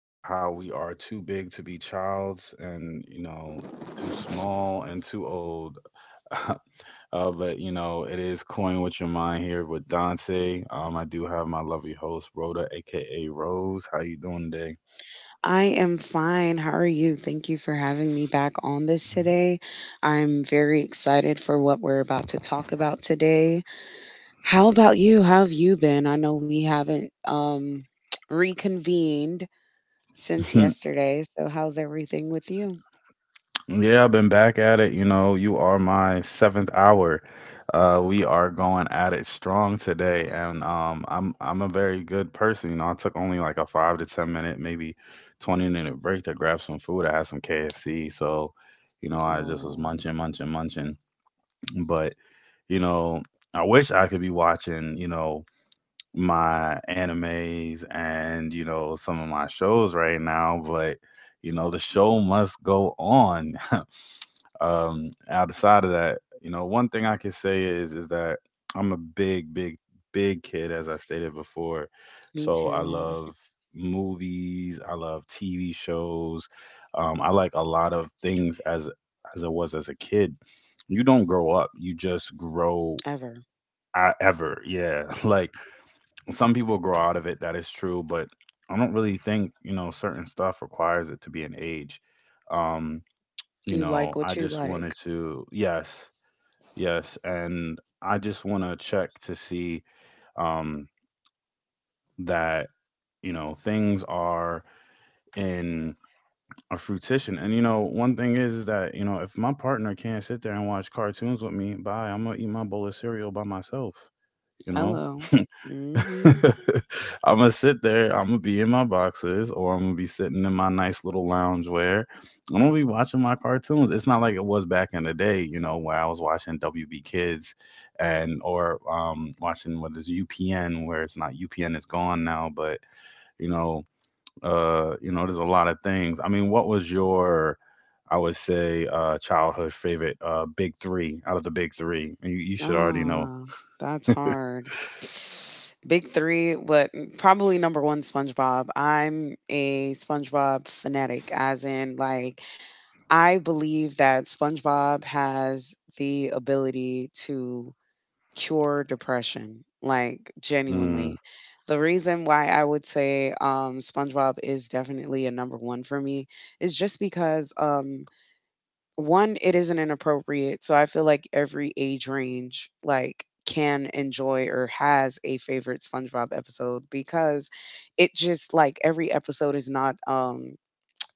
of how we are too big to be childs and, too small and too old. uh, but, it is Coin with Your Mind here with Dante. I do have my lovely host, Rhoda, aka Rose. How you doing today? I am fine. How are you? Thank you for having me back on this today. I'm very excited for what we're about to talk about today. How about you? How have you been? I know we haven't reconvened since yesterday. So how's everything with you? Yeah, I've been back at it. You are my seventh hour. We are going at it strong today, and I'm a very good person. I took only like a 5 to 10 minute, maybe 20 minute break to grab some food. I had some KFC, so I just was Oh, munching, munching, munching. But you know, I wish I could be watching, my animes and some of my shows right now, but the show must go on. Outside of that, one thing I can say is that I'm a big, big, big kid, as I stated before. me So I too. love movies, I love TV shows. I like a lot of things as I was as a kid. You don't grow up; you just grow. Ever. I, ever, yeah. Like some people grow out of it. That is true, but I don't really think certain stuff requires it to be an age. Um, You like I what you just wanted like. to, yes, yes. And I just want to check to see um, that, things are in a fruition. And, one thing is that, if my partner can't sit there and watch cartoons with me, bye, I'm going to eat my bowl of cereal by myself, you know? Hello. Mm-hmm. I'm gonna sit there. I'm gonna be in my boxers, or I'm gonna be sitting in my nice little lounge where I'm gonna be watching my cartoons. It's not like it was back in the day, where I was watching WB Kids and or watching what is UPN, where it's not UPN, it's gone now. But you know, there's a lot of things. I mean, what was your, I would say, childhood favorite, big three out of the big three. You should already know. Ah, that's hard. Big three, but probably number one, SpongeBob. I'm a SpongeBob fanatic, as in, like, I believe that SpongeBob has the ability to cure depression, like Mm, genuinely. The reason why I would say SpongeBob is definitely a number one for me is just because one, it isn't inappropriate. So I feel like every age range, like, can enjoy or has a favorite SpongeBob episode because it just like every episode is not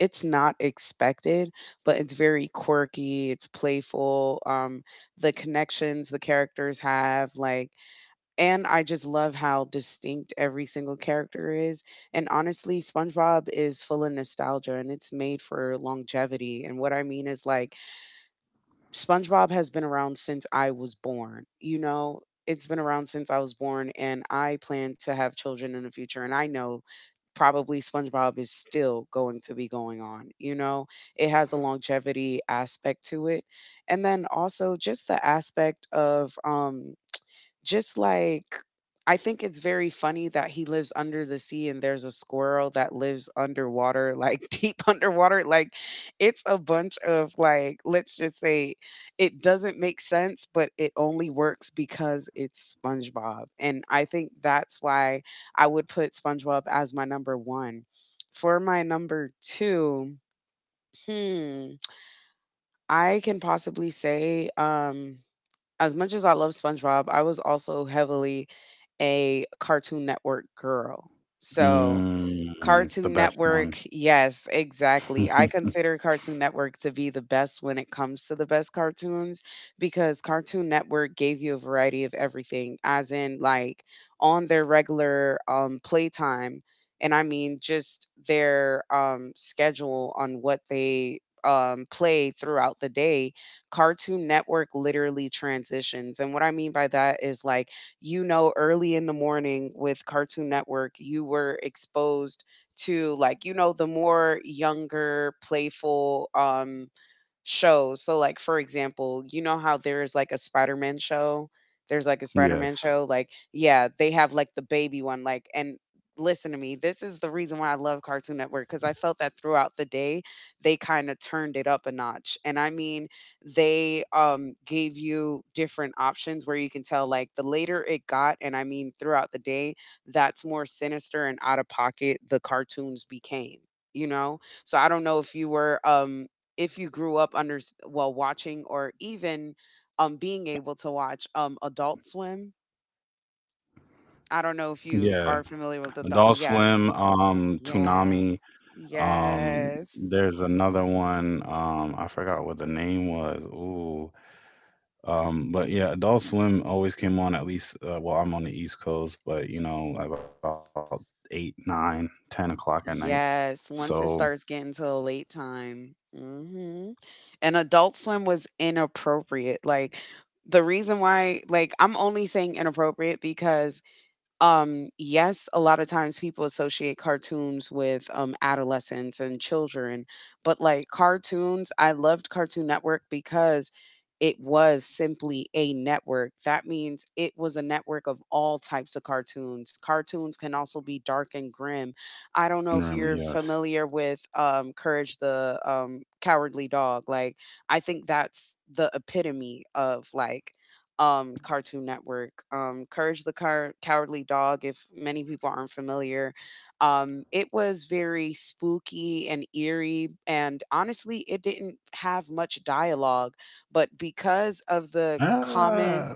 it's not expected, but it's very quirky, it's playful, the connections the characters have, like, and I just love how distinct every single character is. And honestly, SpongeBob is full of nostalgia and it's made for longevity. And what I mean is, like, SpongeBob has been around since I was born. It's been around since I was born, and I plan to have children in the future. And I know probably SpongeBob is still going to be going on. You know, it has a longevity aspect to it. And then also just the aspect of, just like I think it's very funny that he lives under the sea and there's a squirrel that lives underwater, like deep underwater. Like it's a bunch of like, let's just say it doesn't make sense, but it only works because it's SpongeBob. And I think that's why I would put SpongeBob as my number one. For my number two, hmm, I can possibly say as much as I love SpongeBob, I was also heavily a Cartoon Network girl. So, mm, Cartoon the best Network, one. yes, exactly. I consider Cartoon Network to be the best when it comes to the best cartoons because Cartoon Network gave you a variety of everything, as in, like, on their regular playtime. And I mean, just their schedule on what they play throughout the day. Cartoon Network literally transitions. And what I mean by that is, like, you know, early in the morning with Cartoon Network, you were exposed to like you know the more younger playful shows. So, like, for example, you know how there's like a Spider-Man show? There's like a Spider-Man Yes. show. Like, yeah, they have like the baby one. Like, and listen to me, this is the reason why I love Cartoon Network because I felt that throughout the day they kind of turned it up a notch. And I mean, they gave you different options where you can tell like the later it got, and I mean throughout the day, that's more sinister and out of pocket the cartoons became. You know, so I don't know if you were if you grew up well watching or even being able to watch Adult Swim. I don't know if you Yeah. are familiar with the, Adult yes. Swim, Yes. Toonami, Yes. there's another one, I forgot what the name was. Ooh. But yeah, Adult Swim always came on at least, well, I'm on the East Coast, but about 8, 9, 10 o'clock at night. Yes. So, Once it starts getting to a late time. Mhm. And Adult Swim was inappropriate. Like the reason why like I'm only saying inappropriate because yes, a lot of times people associate cartoons with adolescents and children, but like cartoons, I loved Cartoon Network because it was simply a network. That means it was a network of all types of cartoons. Cartoons can also be dark and grim. I don't know if you're yes. familiar with Courage the Cowardly Dog. Like, I think that's the epitome of like Cartoon Network. Courage the Cowardly Dog, if many people aren't familiar, it was very spooky and eerie. And honestly, it didn't have much dialogue, but because of the common, Ah,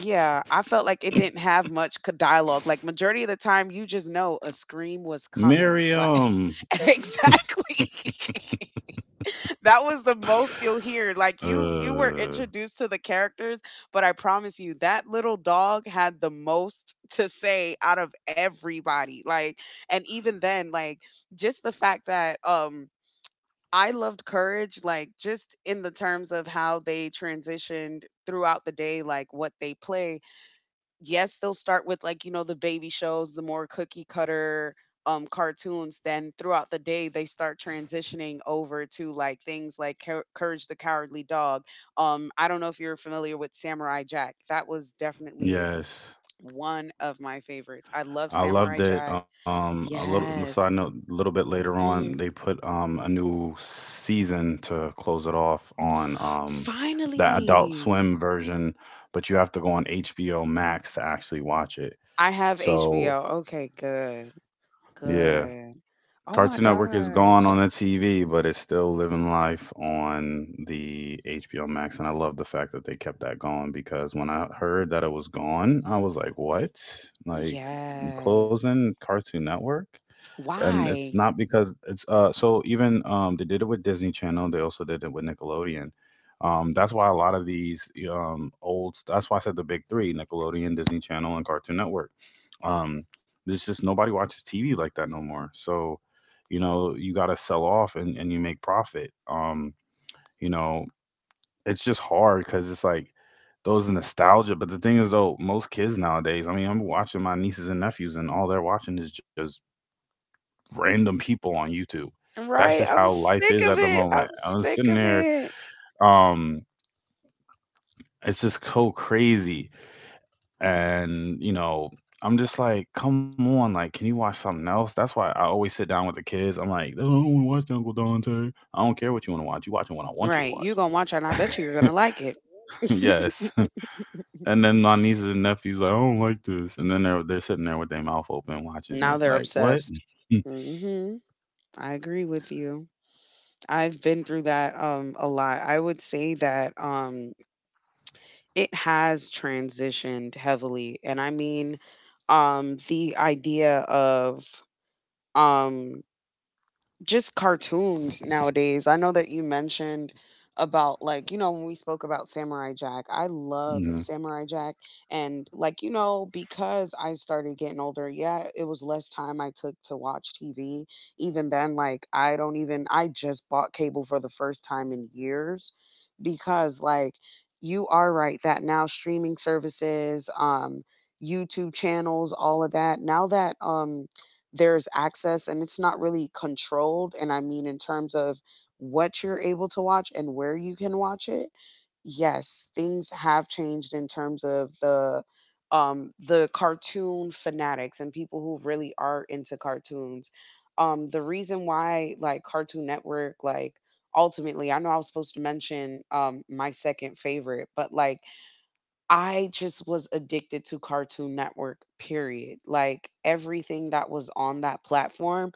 yeah, I felt like it didn't have much dialogue. Like majority of the time, you just know a scream was coming. Like Miriam. exactly. That was the most you'll hear. Like you were Uh, introduced to the characters, but I promise you that little dog had the most to say out of everybody. Like and even then like just the fact that I loved Courage like just in the terms of how they transitioned throughout the day like what they play. Yes, they'll start with, like, you know, the baby shows, the more cookie cutter, cartoons, then throughout the day, they start transitioning over to, like, things like Courage the Cowardly Dog. I don't know if you're familiar with Samurai Jack. That was definitely yes. one of my favorites. I love I Samurai loved it. Jack. A little side Yes. note, a little bit later on, they Mhm. put a new season to close it off on that Adult Finally! Swim version, but you have to go on HBO Max to actually watch it. I have HBO. So Okay, good, yeah, good. Oh my Cartoon Network is gone gosh. on the TV, but it's still living life on the HBO Max, and I love the fact that they kept that going because when I heard that it was gone, I was like, what? Like you Yes. closing Cartoon Network? And it's Why? not because it's so, even they did it with Disney Channel, they also did it with Nickelodeon. That's why a lot of these old, that's why I said the big 3, Nickelodeon, Disney Channel and Cartoon Network. Um there's just nobody watches TV like that no more. So, you got to sell off and you make profit. You know, it's just hard cuz it's like those nostalgia, but the thing is though, most kids nowadays, I mean, I'm watching my nieces and nephews and all they're watching is just random people on YouTube. That's Right, just I'm how life sick is of at the it. I'm moment. I'm sick sitting of there, it. um, it's just so crazy. And, I'm just like, come on, like, can you watch something else? That's why I always sit down with the kids. I'm like, I don't want to watch that, Uncle Dante. I don't care what you want to watch. You watching what I want you to Right, you watch. gonna watch it, and I bet you you're gonna like it. Yes. And then my nieces and nephews, like, I don't like this. And then they're sitting there with their mouth open watching it. Now they're Like, what? obsessed. Hmm, I agree with you. I've been through that a lot. I would say that it has transitioned heavily, and I mean, the idea of um just cartoons nowadays. I know that you mentioned about like you know when we spoke about Samurai Jack. I love Hmm. Samurai Jack and like you know because I started getting older, yeah, it was less time I took to watch TV. Even then like I don't even I just bought cable for the first time in years because like you are right that now streaming services, YouTube channels, all of that. Now that there's access and it's not really controlled. And I mean, in terms of what you're able to watch and where you can watch it, yes, things have changed in terms of the cartoon fanatics and people who really are into cartoons. The reason why like Cartoon Network like ultimately I know I was supposed to mention my second favorite, but like I just was addicted to Cartoon Network, period. Like everything that was on that platform,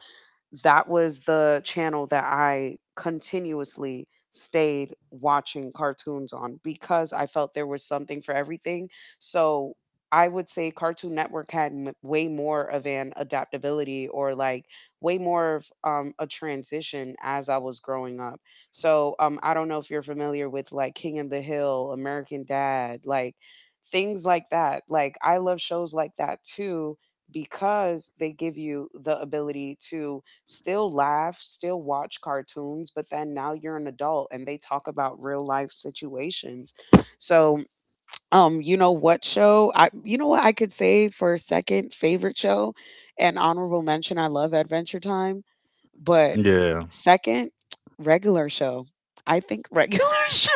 that was the channel that I continuously stayed watching cartoons on because I felt there was something for everything. So I would say Cartoon Network had way more of an adaptability or like way more of a transition as I was growing up. So I don't know if you're familiar with like King of the Hill, American Dad, like things like that. Like I love shows like that too because they give you the ability to still laugh, still watch cartoons, but then now you're an adult and they talk about real life situations. So, you know what show? I, you know what I could say for a second favorite show and honorable mention, I love Adventure Time, but Yeah. second, regular show. I think regular show.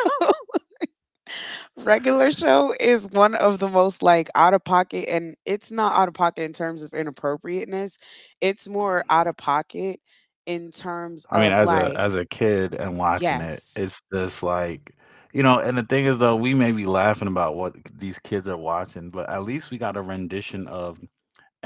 Regular Show is one of the most like out of pocket, and it's not out of pocket in terms of inappropriateness. It's more out of pocket in I terms mean, as of a like, as a kid and watching it, yes, it's just like, and the thing is though, we may be laughing about what these kids are watching, but at least we got a rendition of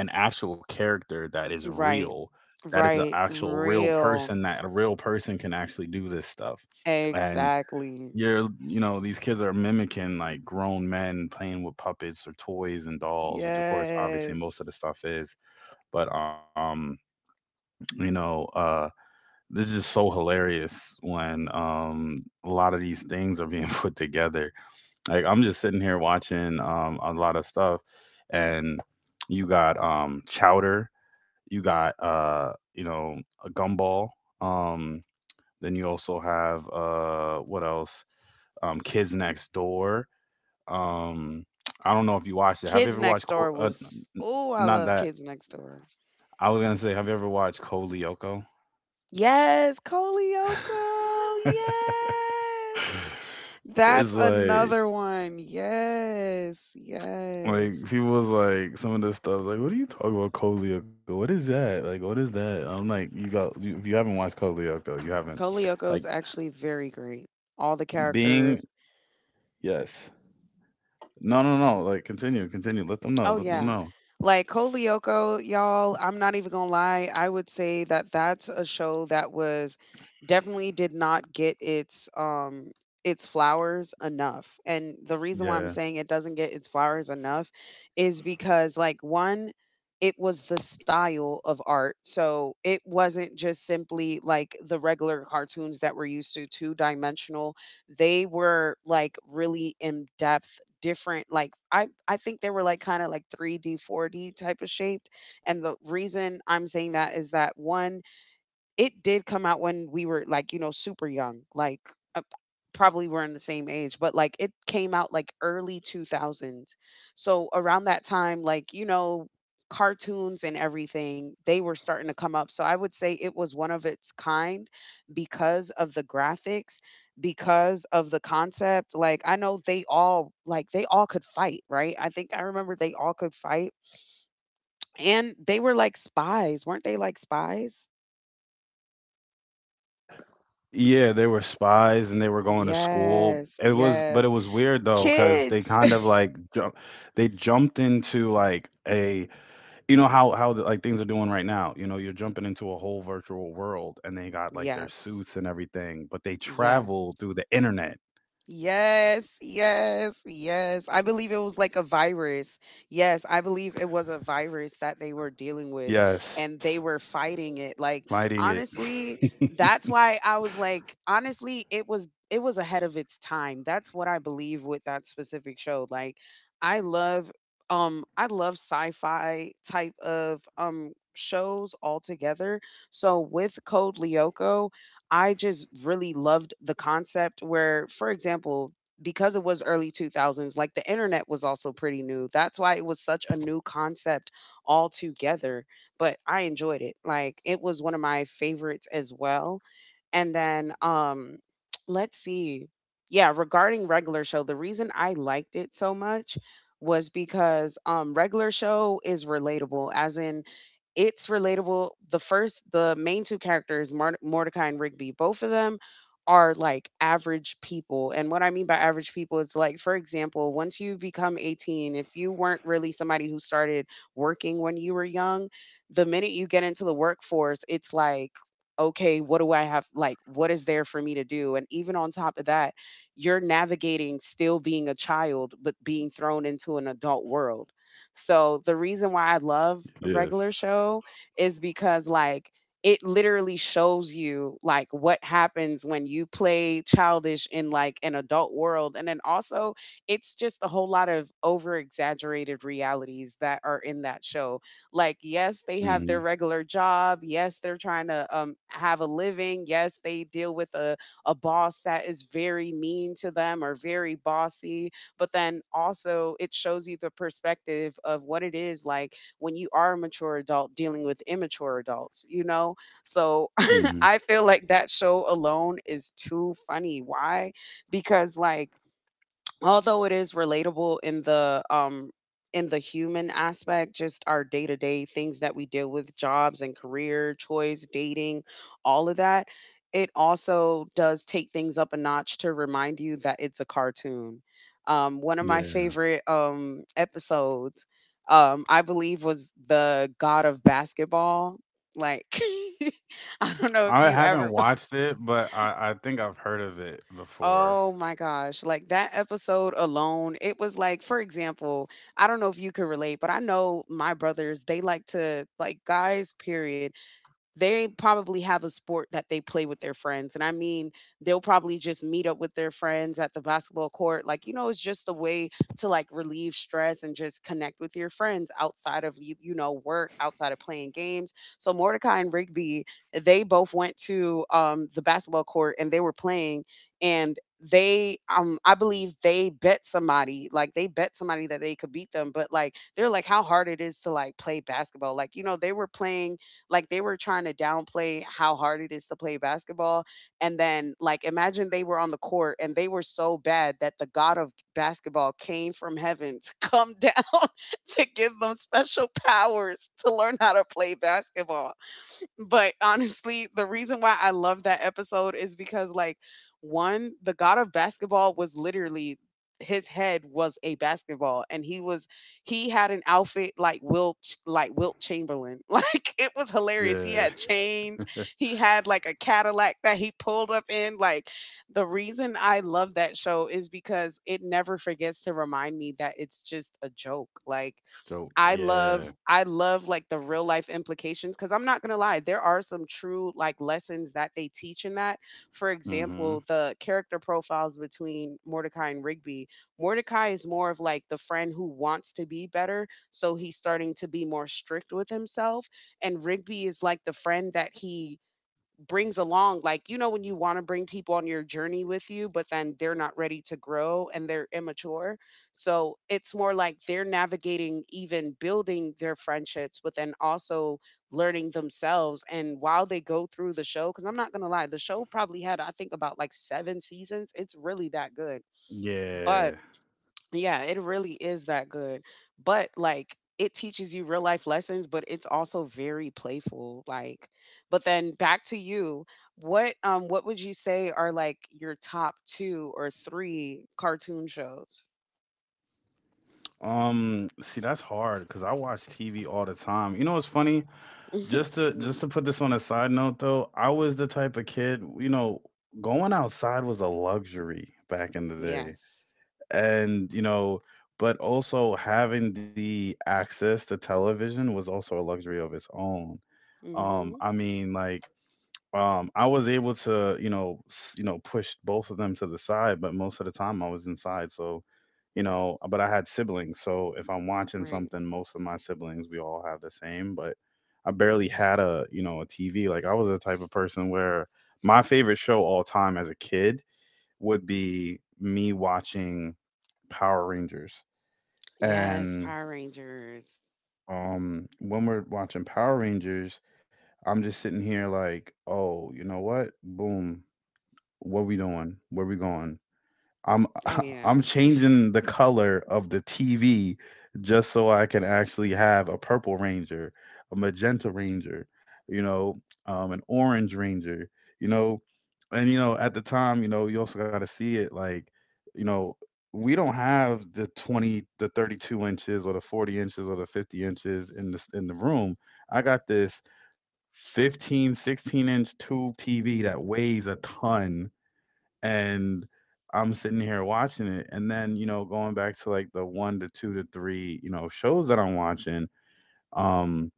an actual character that is right, real, that is an right, actual real real. person, that a real person can actually do this stuff. And Exactly. you're, you know, these kids are mimicking like grown men playing with puppets or toys and dolls, which of course, obviously, Yes. most of the stuff is. But you know, uh this is so hilarious when a lot of these things are being put together. Like I'm just sitting here watching a lot of stuff, and you got chowder, you got a gumball, um then you also have what else? Kids Next Door. Um I don't know if you watched it. Have you Kids ever watched Next Door was, oh, I not love that, Kids Next Door. I was going to say, have you ever watched Cole Lyoko? Yes, Coleoco. Yes. That's It's like another one. Yes, like yes. people was like, some of this stuff, like, what are you talking about Kolioka? What is that? Like what is that? I'm like, you got you, if you haven't watched Kolioka, you haven't, like, Kolioko's actually very great. All the being. characters, Yes. No, no, no. Like continue, continue. Let them know. oh Let them yeah. know. Like Coleoco, y'all, I'm not even gonna lie. I would say that that's a show that was definitely did not get its flowers enough. And the reason why I'm Yeah. saying it doesn't get its flowers enough is because like one it was the style of art. So it wasn't just simply like the regular cartoons that we're used to, two dimensional, they were like really in depth, different, like I think they were like kind of like 3D 4D type of shaped. And the reason I'm saying that is that one, it did come out when we were, like, you know, super young, like, uh, probably we're in the same age, but, like, it came out, like, early 2000s. So around that time, like, you know, cartoons and everything, they were starting to come up. So I would say it was one of its kind because of the graphics, because of the concept. Like, I know they all like, they all could fight, right? I think I remember they all could fight, and they were like spies. Weren't they like spies? Yeah, they were spies and they were going to school. Yes, It was, but yes. it was weird though, because they Kids. kind of like they jumped into like a, you know how like things are doing right now, you're jumping into a whole virtual world, and they got like their Yes, suits and everything, but they yes. travel through the internet. Yes, yes, yes. I believe it was like a virus. Yes, I believe it was a virus that they were dealing with Yes, and they were fighting it. Like fighting it. honestly, that's why I was like honestly, it was ahead of its time. That's what I believe with that specific show. Like I love I love sci-fi type of shows altogether. So with Code Lyoko, I just really loved the concept where, for example, because it was early 2000s, like the internet was also pretty new. That's why it was such a new concept altogether. But I enjoyed it. Like it was one of my favorites as well. And then let's see. Yeah, regarding regular show, the reason I liked it so much was because regular show is relatable as in it's relatable. The main two characters, Mordecai and Rigby, both of them are like average people. And what I mean by average people is like, for example, once you become 18, if you weren't really somebody who started working when you were young, the minute you get into the workforce, it's like, okay, what do I have? Like, what is there for me to do? And even on top of that, you're navigating still being a child, but being thrown into an adult world. So the reason why I Yes. love regular show is because like it literally shows you like what happens when you play childish in like an adult world, and then also it's just a whole lot of over exaggerated realities that are in that show. Like, yes, they Mhm. have their regular job, yes, they're trying to have a living, yes, they deal with a boss that is very mean to them or very bossy, but then also it shows you the perspective of what it is like when you are a mature adult dealing with immature adults, you know? So Mhm. I feel like that show alone is too funny. Why? Because like, although it is relatable in the human aspect, just our day-to-day things that we deal with, jobs and career choice, dating, all of that, it also does take things up a notch to remind you that it's a cartoon. One of my Yeah, favorite, episodes, I believe was the God of Basketball, like, I don't know if I you haven't ever. watched it, but I think I've heard of it before. Oh my gosh, like that episode alone, it was like, for example, I don't know if you could relate, but I know my brothers, they like to, like guys, period, they probably have a sport that they play with their friends, and I mean, they'll probably just meet up with their friends at the basketball court. Like, you know, it's just a way to like relieve stress and just connect with your friends outside of you, work, outside of playing games. So Mordecai and Rigby, they both went to the basketball court and they were playing, and they I believe they bet somebody, like, they bet somebody that they could beat them, but like they're like how hard it is to like play basketball, like, you know, they were playing, like, they were trying to downplay how hard it is to play basketball, and then, like, imagine they were on the court and they were so bad that the god of basketball came from heaven to come down to give them special powers to learn how to play basketball. But honestly, the reason why I love that episode is because, like, one, the god of basketball was literally, his head was a basketball, and he had an outfit like Wilt Chamberlain. Like, it was hilarious. Yeah. He had chains. He had like a Cadillac that he pulled up in. Like, the reason I love that show is because it never forgets to remind me that it's just a joke. Like, Joke. I Yeah. love I love, like, the real life implications, because 'cause I'm not gonna lie, there are some true, like, lessons that they teach in that. For Mhm. example, the character profiles between Mordecai and Rigby. Mordecai is more of, like, the friend who wants to be better, so he's starting to be more strict with himself, and Rigby is, like, the friend that he brings along, like, you know, when you want to bring people on your journey with you but then they're not ready to grow and they're immature, so it's more like they're navigating even building their friendships, but then also learning themselves, and while they go through the show, because I'm not gonna lie, the show probably had, I think, about like seven seasons. It's really that good. Yeah. But yeah, it really is that good. But like, it teaches you real life lessons, but it's also very playful. Like, but then back to you. What what would you say are like your top two or three cartoon shows? See, that's hard cuz I watch TV all the time. You know what's funny, Just to Mm, just to put this on a side note though, I was the type of kid, going outside was a luxury back in the day. yes. And, but also having the access to television was also a luxury of its own. Mm-hmm. I mean, like I was able to, push both of them to the side, but most of the time I was inside. So, but I had siblings. So if I'm watching Right. something, most of my siblings, we all have the same, but I barely had a TV. Like I was the type of person where my favorite show all time as a kid would be me watching Power Rangers. Yes, And Power Rangers. When we're watching Power Rangers, I'm just sitting here like, oh, you know what? Boom. What we doing? Where we going? I'm Oh yeah. I'm changing the color of the TV just so I can actually have a purple ranger, a magenta ranger, an orange ranger, you know, and at the time, you also got to see it like, you know, we don't have the 20, the 32 inches or the 40 inches or the 50 inches in the room. I got this 15, 16 inch tube TV that weighs a ton, and I'm sitting here watching it. And then, going back to like the one to two to three, shows that I'm watching, um,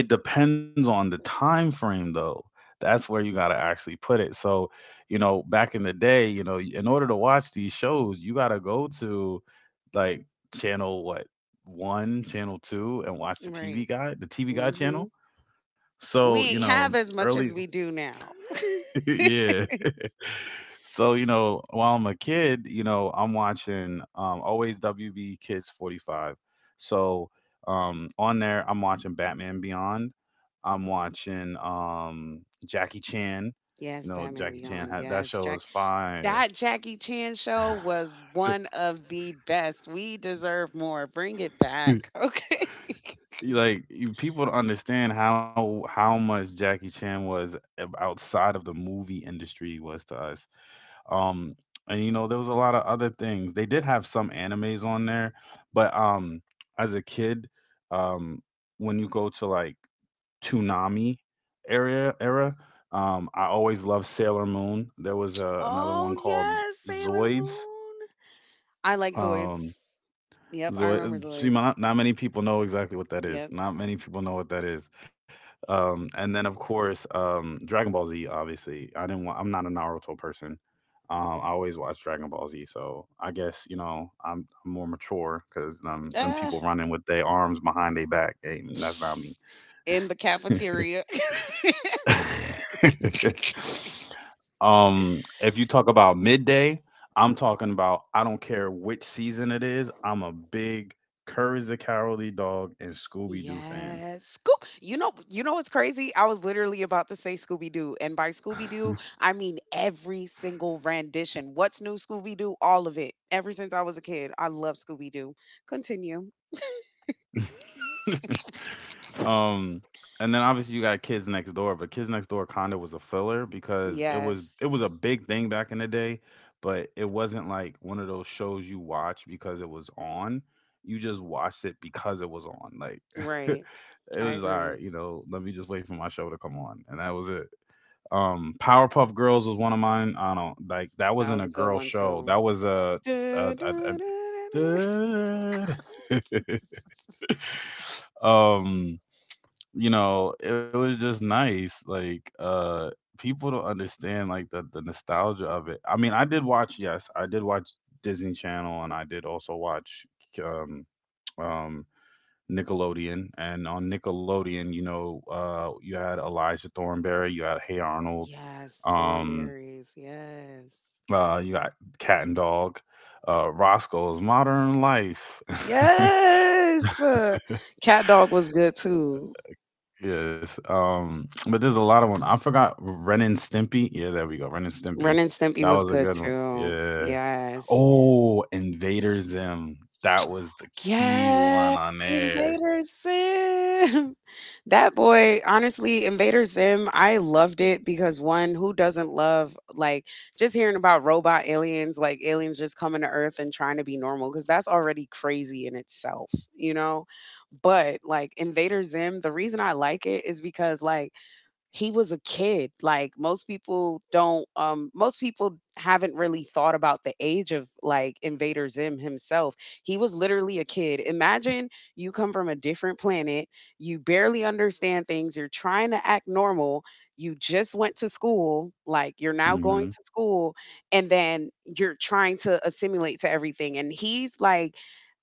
it depends on the time frame though. That's where you gotta actually put it. So, back in the day, in order to watch these shows, you gotta go to like channel what one, channel two, and watch the TV Right. guide, the TV guide Mm-hmm. channel. So, We ain't have as much early as we do now. yeah. So, while I'm a kid, I'm watching always WB Kids 45. So, on there, I'm watching Batman Beyond. I'm watching Jackie Chan. Yes, Batman Jackie Chan Beyond. had, that Yes, show was Jack. fire. That Jackie Chan show was one of the best. We deserve more. Bring it back. Okay. Like you, people don't understand how much Jackie Chan was outside of the movie industry, was to us. um and there was a lot of other things. They did have some animes on there, but as a kid, um when you go to like Toonami area era, I always loved Sailor Moon. There was another one Oh, called yes, Sailor Zoids. Moon. I like Um Zoids. Yep, I remember zoid See, Zoids. Not many people know exactly what that is. Yep. Not many people know what that is. And then of course, Dragon Ball Z. Obviously, I didn't. Want, I'm not a Naruto person. I always watch Dragon Ball Z, so I guess I'm more mature, because them Ah, people running with their arms behind their back, ain't that's not me. in the cafeteria. If you talk about midday, I'm talking about, I don't care which season it is. I'm a big Courage the Cowardly Dog and Scooby Doo fan. Yes. Scoop. You know what's crazy? I was literally about to say Scooby Doo, and by Scooby Doo, I mean every single rendition. What's new, Scooby Doo? All of it. Ever since I was a kid, I love Scooby Doo. Continue. Um, and then obviously you got Kids Next Door, but Kids Next Door kind of was a filler because it was Yes. it was a big thing back in the day, but it wasn't like one of those shows you watch because it was on. You just watched it because it was on. Like it Right. I was just, all agree. right, let me just wait for my show to come on. And that was it. Powerpuff Girls was one of mine. I don't like that That wasn't was a a good girl one show. too. That was a, a, Da, a, da, da, da, da. a um it was just nice. Like, people don't understand like the nostalgia of it. I mean, I did watch, yes, I did watch Disney Channel, and I did also watch um um Nickelodeon. And on Nickelodeon, you had Elijah Thornberry, you had Hey Arnold, Yes, um, thornberries. Yes. You got Cat and Dog, Roscoe's Modern Life. Yes. Cat Dog was good too. Yes. But there's a lot of one. I forgot Ren and Stimpy. Yeah, there we go. Ren and Ren Stimpy. and Stimpy That was was a good good one. too. Yeah. Yes. Oh, Invader Zim. That was the key Yes. one on there. Invader Zim. That boy, honestly, Invader Zim, I loved it because, one, who doesn't love like just hearing about robot aliens, like aliens just coming to Earth and trying to be normal, because that's already crazy in itself, you know? But like, Invader Zim, the reason I like it is because, like, he was a kid. Like, most people don't most people haven't really thought about the age of like Invader Zim himself. He was literally a kid. Imagine you come from a different planet, you barely understand things, you're trying to act normal, you just went to school, like, you're now going Mm-hmm. to school, and then you're trying to assimilate to everything, and he's like,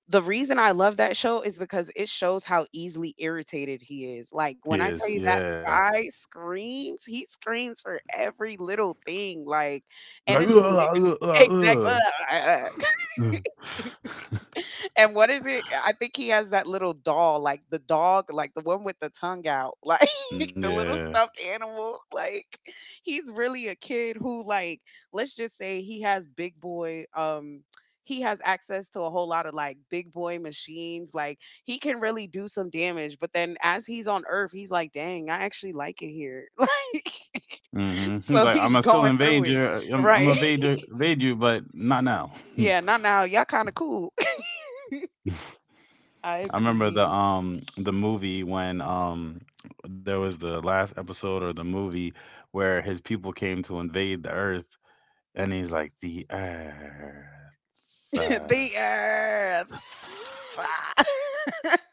the reason I love that show is because it shows how easily irritated he is. Like, when I tell Yes, you, that yeah. guy screams, he screams for every little thing, like, He's and like, it's hilar Exactly. Uh." And what is it? I think he has that little doll, like the dog, like the one with the tongue out, like the little Yeah. stuffed animal. Like, he's really a kid who, like, let's just say he has big boy. He has access to a whole lot of like big boy machines. Like, he can really do some damage. But then as he's on Earth, he's like, "Dang, I actually like it here." Like, Mm-hmm. He's so like, I'm gonna he's still going through invade you. it, I'm gonna right? Invade you, but not now. Yeah, not now. Y'all kind of cool. I I remember the agree. um the movie when there was the last episode or the movie where his people came to invade the earth and he's like the earth. The earth.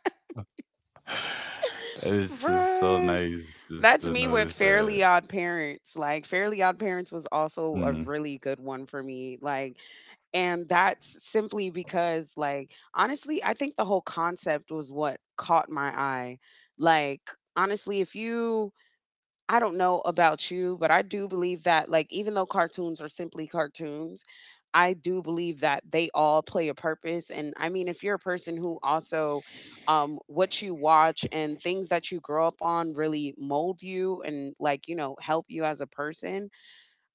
It's just so Bruh. nice just to That's me notice with that Fairly Odd Parents. Like, Fairly Odd Parents was also mm, a really good one for me. Like, and that's simply because, like, honestly, I think the whole concept was what caught my eye. Like, honestly, if you I don't know about you, but I do believe that, like, even though cartoons are simply cartoons, I do believe that they all play a purpose. And I mean, if you're a person who also, what you watch and things that you grow up on really mold you and, like, you know, help you as a person,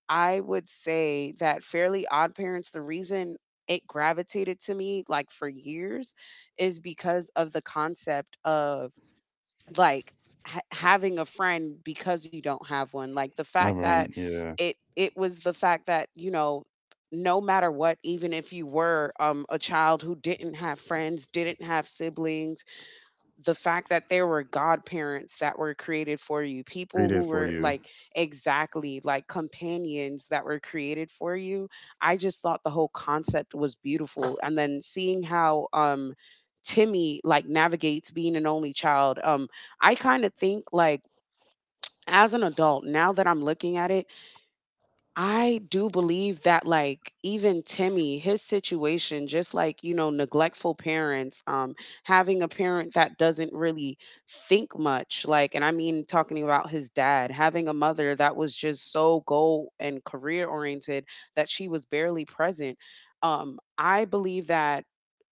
I would say that Fairly Odd Parents, the reason it gravitated to me, like, for years, is because of the concept of, like, ha having a friend because you don't have one, like, the fact everyone, that yeah, it was, the fact that, you know, no matter what, even if you were, a child who didn't have friends, didn't have siblings, the fact that there were godparents that were created for you, created people for who were you. like, exactly, like companions that were created for you. I just thought the whole concept was beautiful. And then seeing how Timmy like navigates being an only child, I kind of think, like, as an adult, now that I'm looking at it, I do believe that like even Timmy, his situation, just like, you know, neglectful parents, having a parent that doesn't really think much, like, and I mean talking about his dad, having a mother that was just so goal and career oriented that she was barely present. I believe that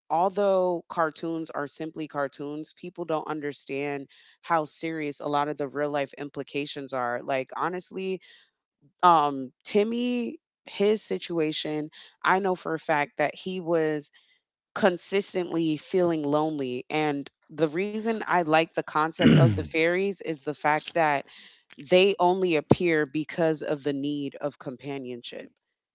although cartoons are simply cartoons, people don't understand how serious a lot of the real life implications are. Like, honestly, Timmy, his situation, I know for a fact that he was consistently feeling lonely. And the reason I like the concept of the fairies is the fact that they only appear because of the need of companionship.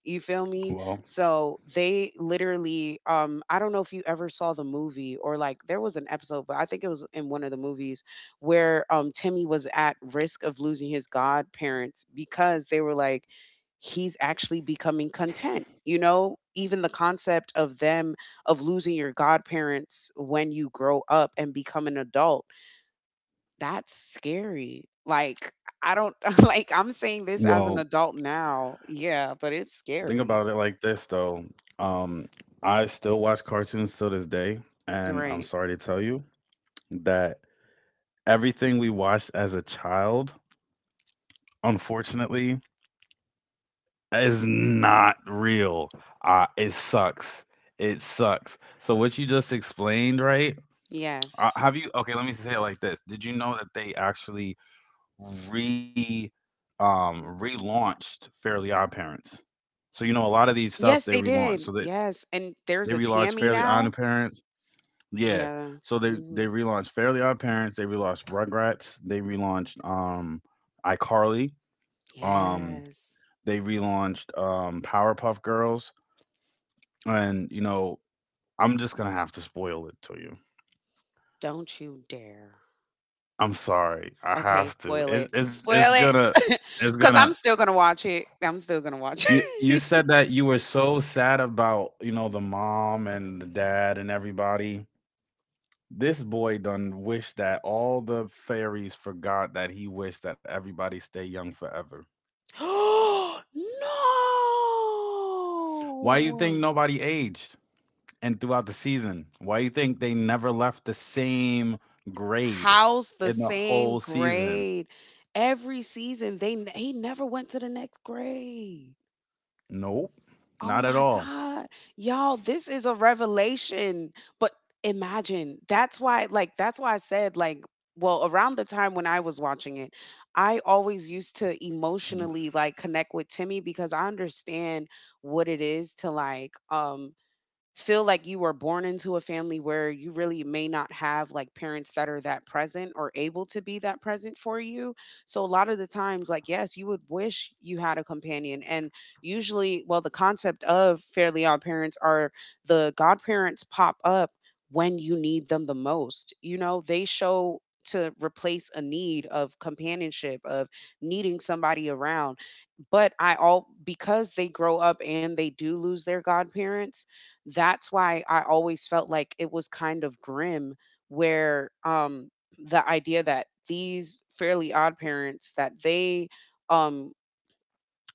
You feel me? well, So they literally I don't know if you ever saw the movie or like there was an episode, but I think it was in one of the movies where Timmy was at risk of losing his godparents because they were like he's actually becoming content. You know, even the concept of them of losing your godparents when you grow up and become an adult. That's scary. Like, I don't like, I'm well, saying this as an adult now. Yeah, but think it's about it like scary. this though. Um, I still watch cartoons till this day, and I'm sorry Right. to tell you that everything we watched as a child, unfortunately, is not real. It sucks. It sucks. So what you just explained, right? Yes. Have you? Okay, let me say it like this. Did you know that they actually re relaunched Fairly Odd Parents? So a lot of these stuff Yes, they they relaunched. So did. they Yes. And they there's a relaunched Tammy Fairly Odd now. Parents. Yeah. Yeah. So they Hmm. relaunched Fairly Odd Parents. They relaunched Rugrats. They relaunched iCarly. Um, Yes. they relaunched Powerpuff Girls, and I'm just gonna have to spoil it to you. Don't you dare. I'm sorry, I Okay, have to. spoil It's it. it's, it's Spoil gonna it. it's Because gonna. I'm still going to watch it. I'm still going to watch You it. said that you were so sad about the mom and the dad and everybody. This boy done wished that all the fairies forgot that he wished that everybody stay young forever. No! Why you think nobody aged? And throughout the season, why do you think they never left the same grade House the in the same whole season? grade? Every season they n he never went to the next grade. Nope, not Oh at my all. god. Y'all, this is a revelation, but imagine, that's why, like, that's why I said, like, well, around the time when I was watching it, I always used to Mm, emotionally, like, connect with Timmy because I understand what it is to, like, feel like you were born into a family where you really may not have like parents that are that present or able to be that present for you. So a lot of the times, like, yes, you would wish you had a companion, and usually, well, the concept of Fairly Odd Parents are the godparents pop up when you need them the most. You know, they show to replace a need of companionship of needing somebody around, but I all because they grow up and they do lose their godparents, that's why I always felt like it was kind of grim, where the idea that these Fairly Odd Parents that um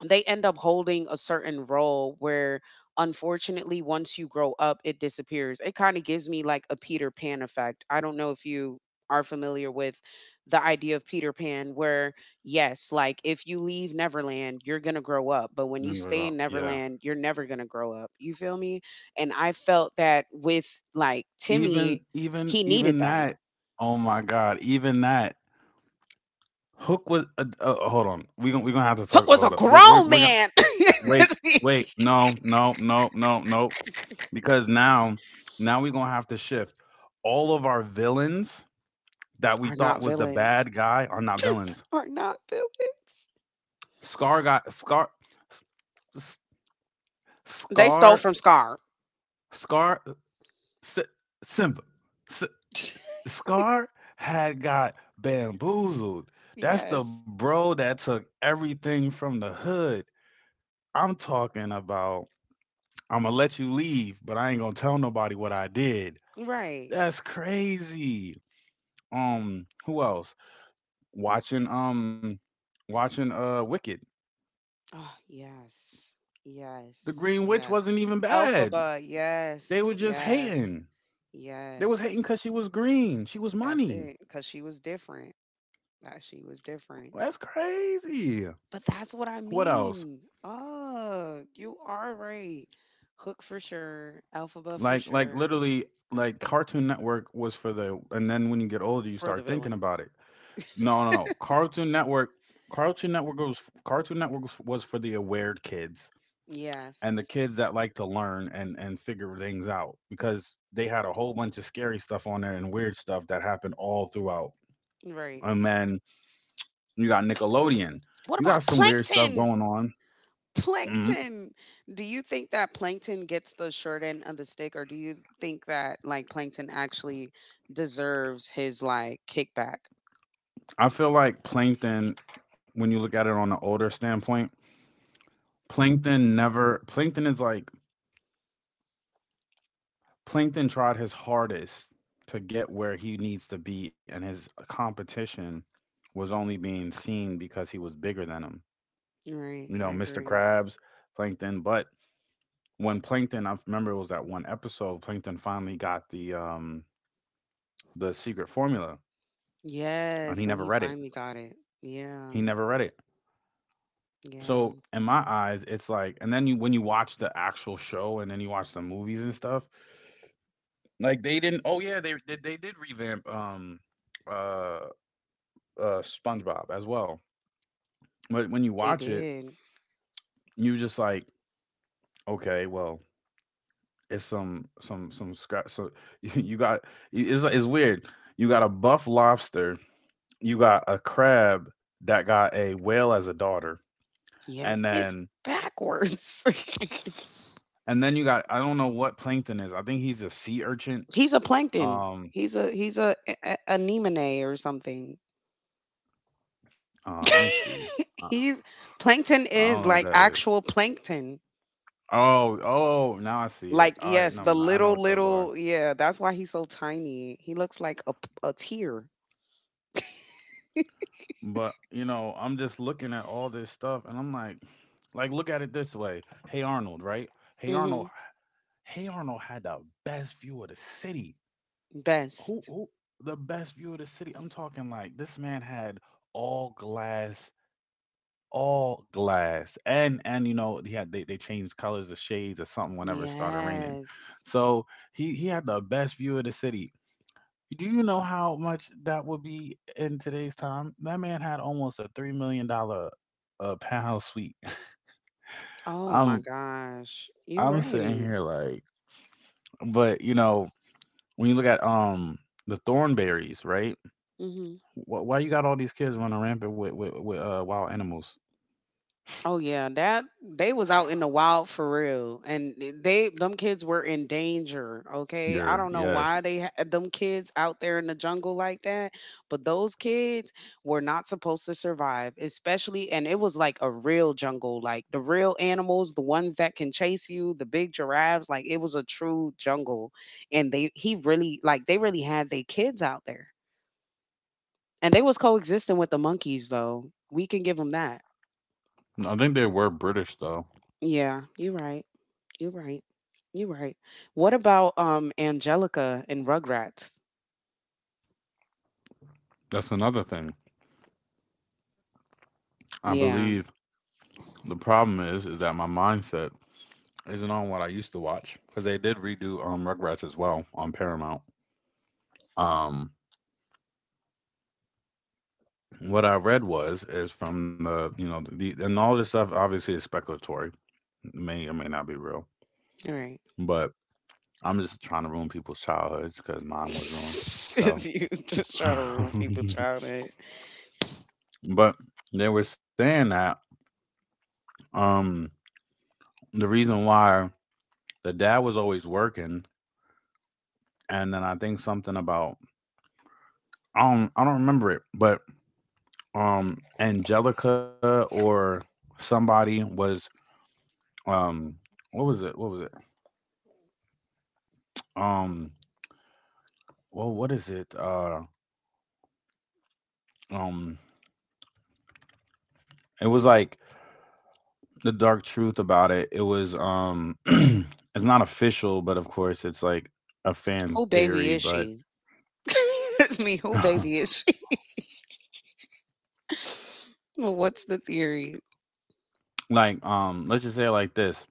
they end up holding a certain role where unfortunately once you grow up it disappears. It kind of gives me like a Peter Pan effect. I don't know if you are familiar with the idea of Peter Pan, where, yes, like, if you leave Neverland you're going to grow up, but when you stay in Yeah. Neverland you're never going to grow up. You feel me? And I felt that with, like, Even Timmy. He needed them. that. Oh my god, even that. Hook was hold on. We going to have to Hook talk, was a hold up. Grown We going to man. wait, wait, no, no, no, no, no, because now we going to have to shift all of our villains that we Are thought not was the villains. bad guy are not villains. Are not villains. Scar, S- They stole Scar, from Scar. Scar, S- Simba, S- Scar had got bamboozled. That's the Yes. bro that took everything from the hood. I'm talking about. I'm gonna let you leave, but I ain't gonna tell nobody what I did. Right. That's crazy. Who else? Watching um, watching Wicked. Oh, yes. The Yes. Green Witch Yes. wasn't even bad. Elphaba. They Yes. were just Yes. hating. They was Yes. hating because she was green. She was That's money. it. Because she was different. That she was different. That's crazy. But that's what I What else? mean. Oh, you are right. Hook for sure. Alphaba for Like sure. literally, Cartoon Network was for the, and then when you get older you For the start thinking villains. about it. No, no, no. Cartoon Network was for the aware kids, and the Yes. kids that like to learn and figure things out, because they had a whole bunch of scary stuff on there and weird stuff that happened all throughout. Right. And then you got Nickelodeon. What You got about some weird stuff Plankton? going on. Mhm. Plankton! Do you think that Plankton gets the short end of the stick, or do you think that, like, Plankton actually deserves his, like, kickback? I feel like Plankton, when you look at it on an older standpoint, plankton never plankton is like Plankton tried his hardest to get where he needs to be, and his competition was only being seen because he was bigger than him. Right, You I know, Mr. agree. Krabs, Plankton. But I remember it was that one episode, Plankton finally got the secret formula, and he Yes, when never he read it. finally got it. Yeah, He never read it. So, yeah, in my eyes, it's like, and then you when you watch the actual show, and then you watch the movies and stuff, like, they didn't, oh, yeah, they did revamp, uh, SpongeBob as well. But when you they watch it, did. you just like, "Okay, well, it's some scra so you got it's weird. You got a buff lobster, you got a crab that got a whale as a daughter, and Yes, it's then backwards. You got, I don't know what Plankton is, I think he's a sea urchin, He's a plankton. um He's a anemone or something. Let me see. I, he's plankton I don't know what is that like is. actual plankton. Oh, oh, now I see it. Like, All right, yes, no, the no, I know little, what those are. little, yeah, that's why he's so tiny. He looks like a, a tear. But I'm just looking at all this stuff, and I'm like, look at it this way. Hey Arnold, right? Hey Arnold. Hmm. Hey Arnold had the best view of the city. Best. Who, the best view of the city? I'm talking like this man had all glass, all glass, and they changed colors or shades or something whenever it started raining, Yes. so he had the best view of the city. Do you know how much that would be in today's time? That man had almost a $3 million penthouse suite. Oh my i'm gosh. You I'm sitting right. here like, but when you look at the Thornberries, right? Hmm. Why you got all these kids running rampant with wild animals? Oh yeah, that they was out in the wild for real, and they them kids were in danger. Okay, I Yeah, don't know why yes. they had them kids out there in the jungle like that, but those kids were not supposed to survive, especially. And it was like a real jungle, like the real animals, the ones that can chase you, the big giraffes. Like it was a true jungle, and they he really like they really had their kids out there, and they was coexisting with the monkeys though. We can give them that. I think they were British though. Yeah, you're right. You're right. You're right. What about Angelica and Rugrats? That's another thing. I Yeah, believe the problem is that my mindset isn't on what I used to watch, because they did redo Rugrats as well on Paramount. Um, what I read was is from the you know the and all this stuff obviously is speculatory, may or may not be real, you're right. but I'm just trying to ruin people's childhoods because mine was ruined. You So, just try to ruin people's childhood. but they were saying that um the reason why the dad was always working, and then I think something about, I don't remember it, but Angelica or somebody was um what was it? What was it? Um well, what is it? Um it was like the dark truth about it. It was it's not official, but of course it's like a fan Who baby theory, is but she? It's me. Who baby is she? Well, what's the theory? like let's just say it like this.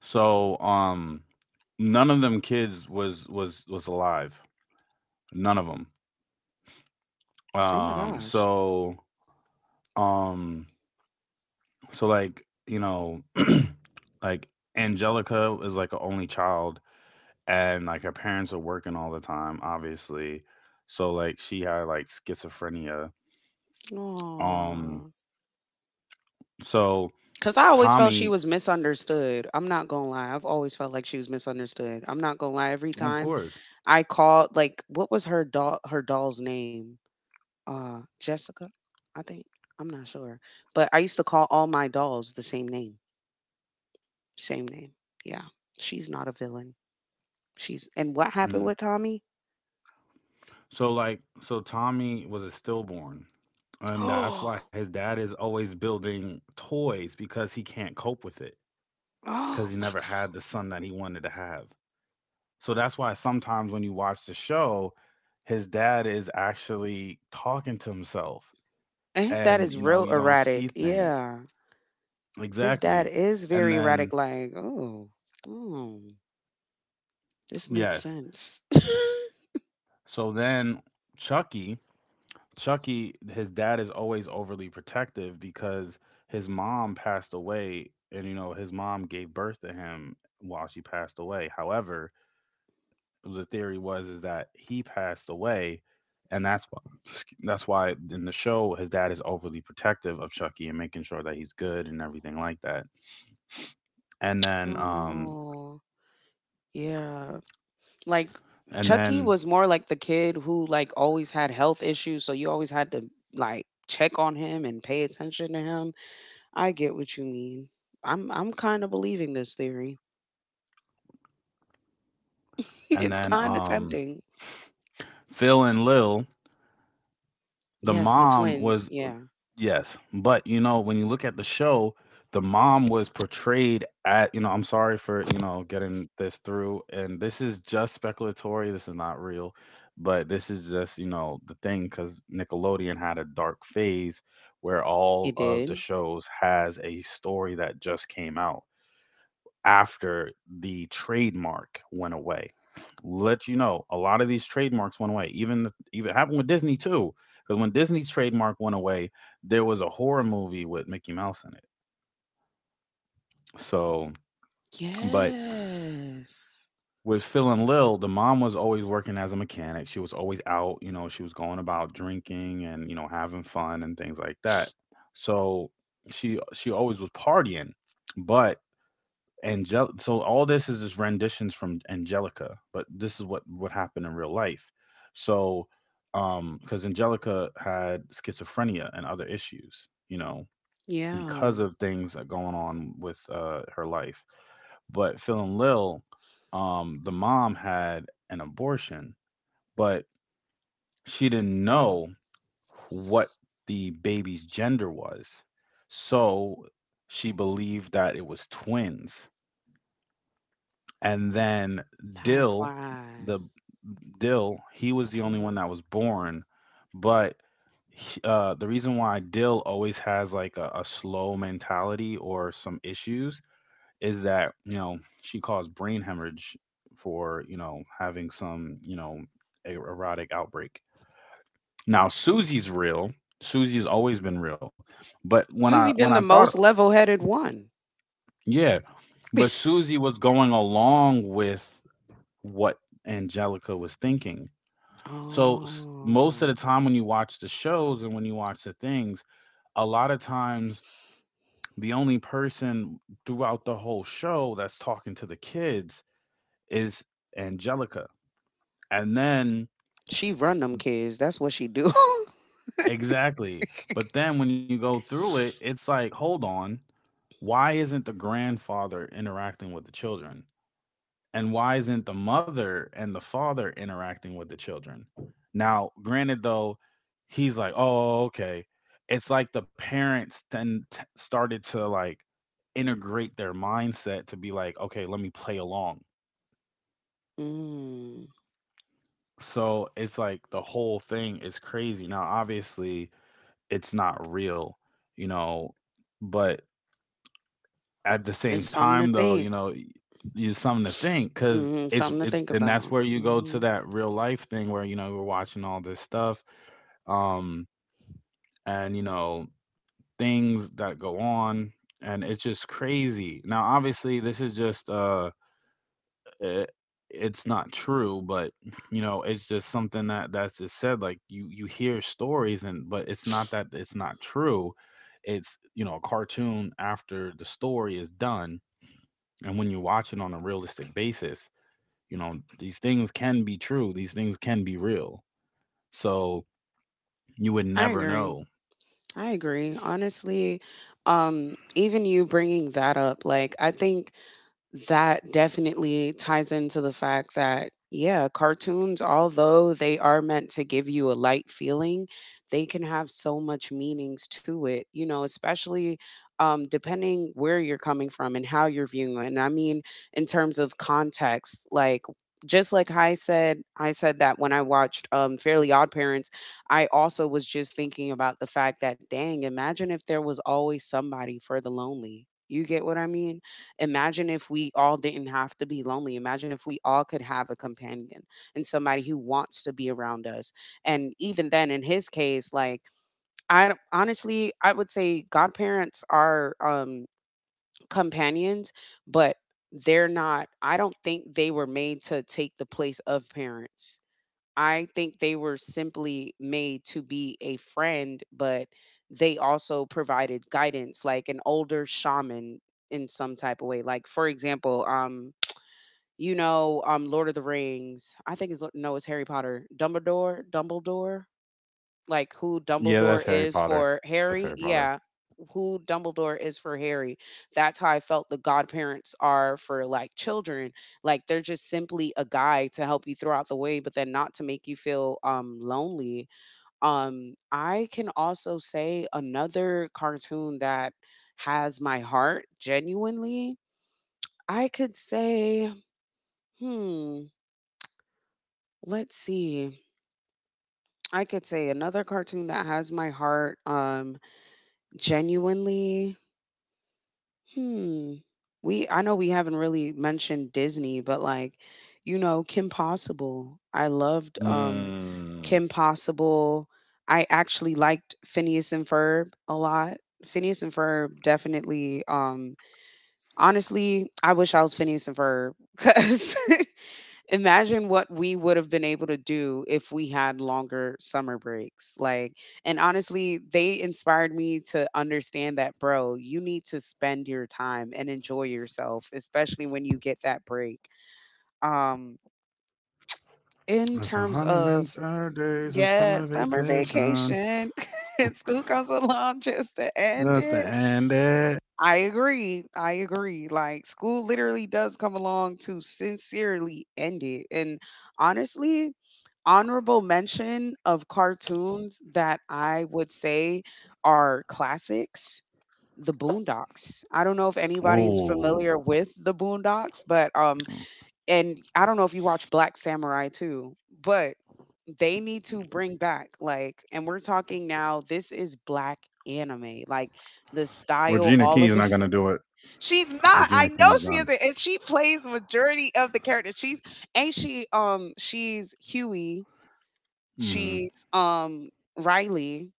So none of them kids was alive. None of them. Oh my Um gosh. so um so like Angelica was like an only child, and like her parents were working all the time, obviously. So like she had like schizophrenia. Um Aww. so Cause I always felt Tommy, she was misunderstood. I'm not gonna lie. I've always felt like she was misunderstood. I'm not gonna lie. Every of time course. I called, like, what was her doll? Her doll's name? Jessica, I think. I'm not sure. But I used to call all my dolls the same name. Same name. Yeah. She's not a villain. She's and what happened Mm. with Tommy? So Tommy was a stillborn. And that's why Oh, his dad is always building toys, because he can't cope with it. Because oh he my never god. had the son that he wanted to have. So that's why sometimes when you watch the show, his dad is actually talking to himself, And his dad and is real you don't erratic. see things Yeah. His dad exactly. is And very erratic, then, like, oh, oh this makes yes, sense. so then Chucky, his dad is always overly protective because his mom passed away, and his mom gave birth to him while she passed away. However, the theory was is that he passed away, and that's why in the show his dad is overly protective of Chucky and making sure that he's good and everything like that, and then um Oh yeah. Like and Chucky then was more like the kid who like always had health issues, so you always had to like check on him and pay attention to him. I get what you mean. I'm kind of believing this theory. And It's then kind of um tempting. Phil and Lil, the Yes, the mom twins. was, Yeah. yes, but when you look at the show, the mom was portrayed at, I'm sorry for getting this through, and this is just speculatory. This is not real, but this is just the thing, because Nickelodeon had a dark phase where all It of the did. shows has a story that just came out after the trademark went away. Let you know, a lot of these trademarks went away. Even happened with Disney too, because when Disney's trademark went away, there was a horror movie with Mickey Mouse in it. So, but Yes. with Phil and Lil, the mom was always working as a mechanic. She was always out, you know, she was going about drinking and you know having fun and things like that. So she always was partying, but Angel so all this is just renditions from Angelica, but this is what happened in real life. So because Angelica had schizophrenia and other issues, you know, because Yeah. of things that going on with her life. But Phil and Lil, the mom had an abortion, but she didn't know what the baby's gender was. So she believed that it was twins. And then That's Dill, why. the Dill, he was the only one Hmm. that was born, but the reason why Dill always has like a slow mentality or some issues is that you know she caused brain hemorrhage for you know having some you know erotic outbreak. Now Susie's real. Susie's always been real, but when I Susie when I been the thought most level-headed one. yeah, but Susie was going along with what Angelica was thinking. So most of Oh. the time when you watch the shows and when you watch the things, a lot of times the only person throughout the whole show that's talking to the kids is Angelica. And then She run them kids. That's what she do. exactly. But then when you go through it, it's like, hold on, why isn't the grandfather interacting with the children? And why isn't the mother and the father interacting with the children? Now granted though, he's like, oh okay, it's like the parents then started to like integrate their mindset to be like, okay, let me play along. Mm. So it's like the whole thing is crazy. Now obviously it's not real, you know, but at the It's same something to time though, think. you know, you something to think, because Hmm. it's Something to it, think and that's about. where you go to Hmm. that real life thing where you know we're watching all this stuff, um, and you know, things that go on. And it's just crazy. Now obviously this is just it, it's not true, but you know, it's just something that's just said, like you hear stories and, but it's not that, it's not true. It's you know a cartoon after the story is done. And when you watch it on a realistic basis, you know, these things can be true, these things can be real. So you would I never agree. know. I agree. Honestly, even you bringing that up, like, I think that definitely ties into the fact that, yeah, cartoons, although they are meant to give you a light feeling, they can have so much meanings to it, you know, especially depending where you're coming from and how you're viewing it. And I mean, in terms of context, like, just like I said, that when I watched Fairly Odd Parents, I also was just thinking about the fact that, dang, imagine if there was always somebody for the lonely. You get what I mean? Imagine if we all didn't have to be lonely. Imagine if we all could have a companion and somebody who wants to be around us. And even then, in his case, like, I don't- honestly, I would say godparents are companions, but they're not, I don't think they were made to take the place of parents. I think they were simply made to be a friend, but they also provided guidance, like an older shaman in some type of way. Like, for example, you know, Lord of the Rings. I think it's Lo- no, it's Harry Potter. Dumbledore, Dumbledore, like, who Yeah, Dumbledore that's Harry is Potter. for That's Harry. Harry Potter. Yeah, who Dumbledore is for Harry. That's how I felt the godparents are for like children. Like they're just simply a guide to help you throughout the way, but then not to make you feel lonely. I can also say another cartoon that has my heart genuinely. I could say, hmm, let's see. I could say another cartoon that has my heart genuinely. Hmm. We I know we haven't really mentioned Disney, but, like, you know, Kim Possible. I loved Mm. Kim Possible. I actually liked Phineas and Ferb a lot. Phineas and Ferb definitely honestly, I wish I was Phineas and Ferb cuz imagine what we would have been able to do if we had longer summer breaks, like, and honestly they inspired me to understand that bro, you need to spend your time and enjoy yourself, especially when you get that break, um in It's terms of 103 days of yeah summer summer vacation. vacation. And school comes along just to end Just to it. end it. I agree, I agree, like school literally does come along to sincerely end it. And honestly, honorable mention of cartoons that I would say are classics, The Boondocks. I don't know if anybody is Ooh. familiar with The Boondocks, but um, and I don't know if you watch Black Samurai too, but they need to bring back, like, and we're talking now this is black anime, like, the style, Regina all King's of not it. going to do it. She's not, Regina I King know is she done. isn't, and she plays majority of the characters. She's, ain't she she's Huey. Mm. She's, Riley,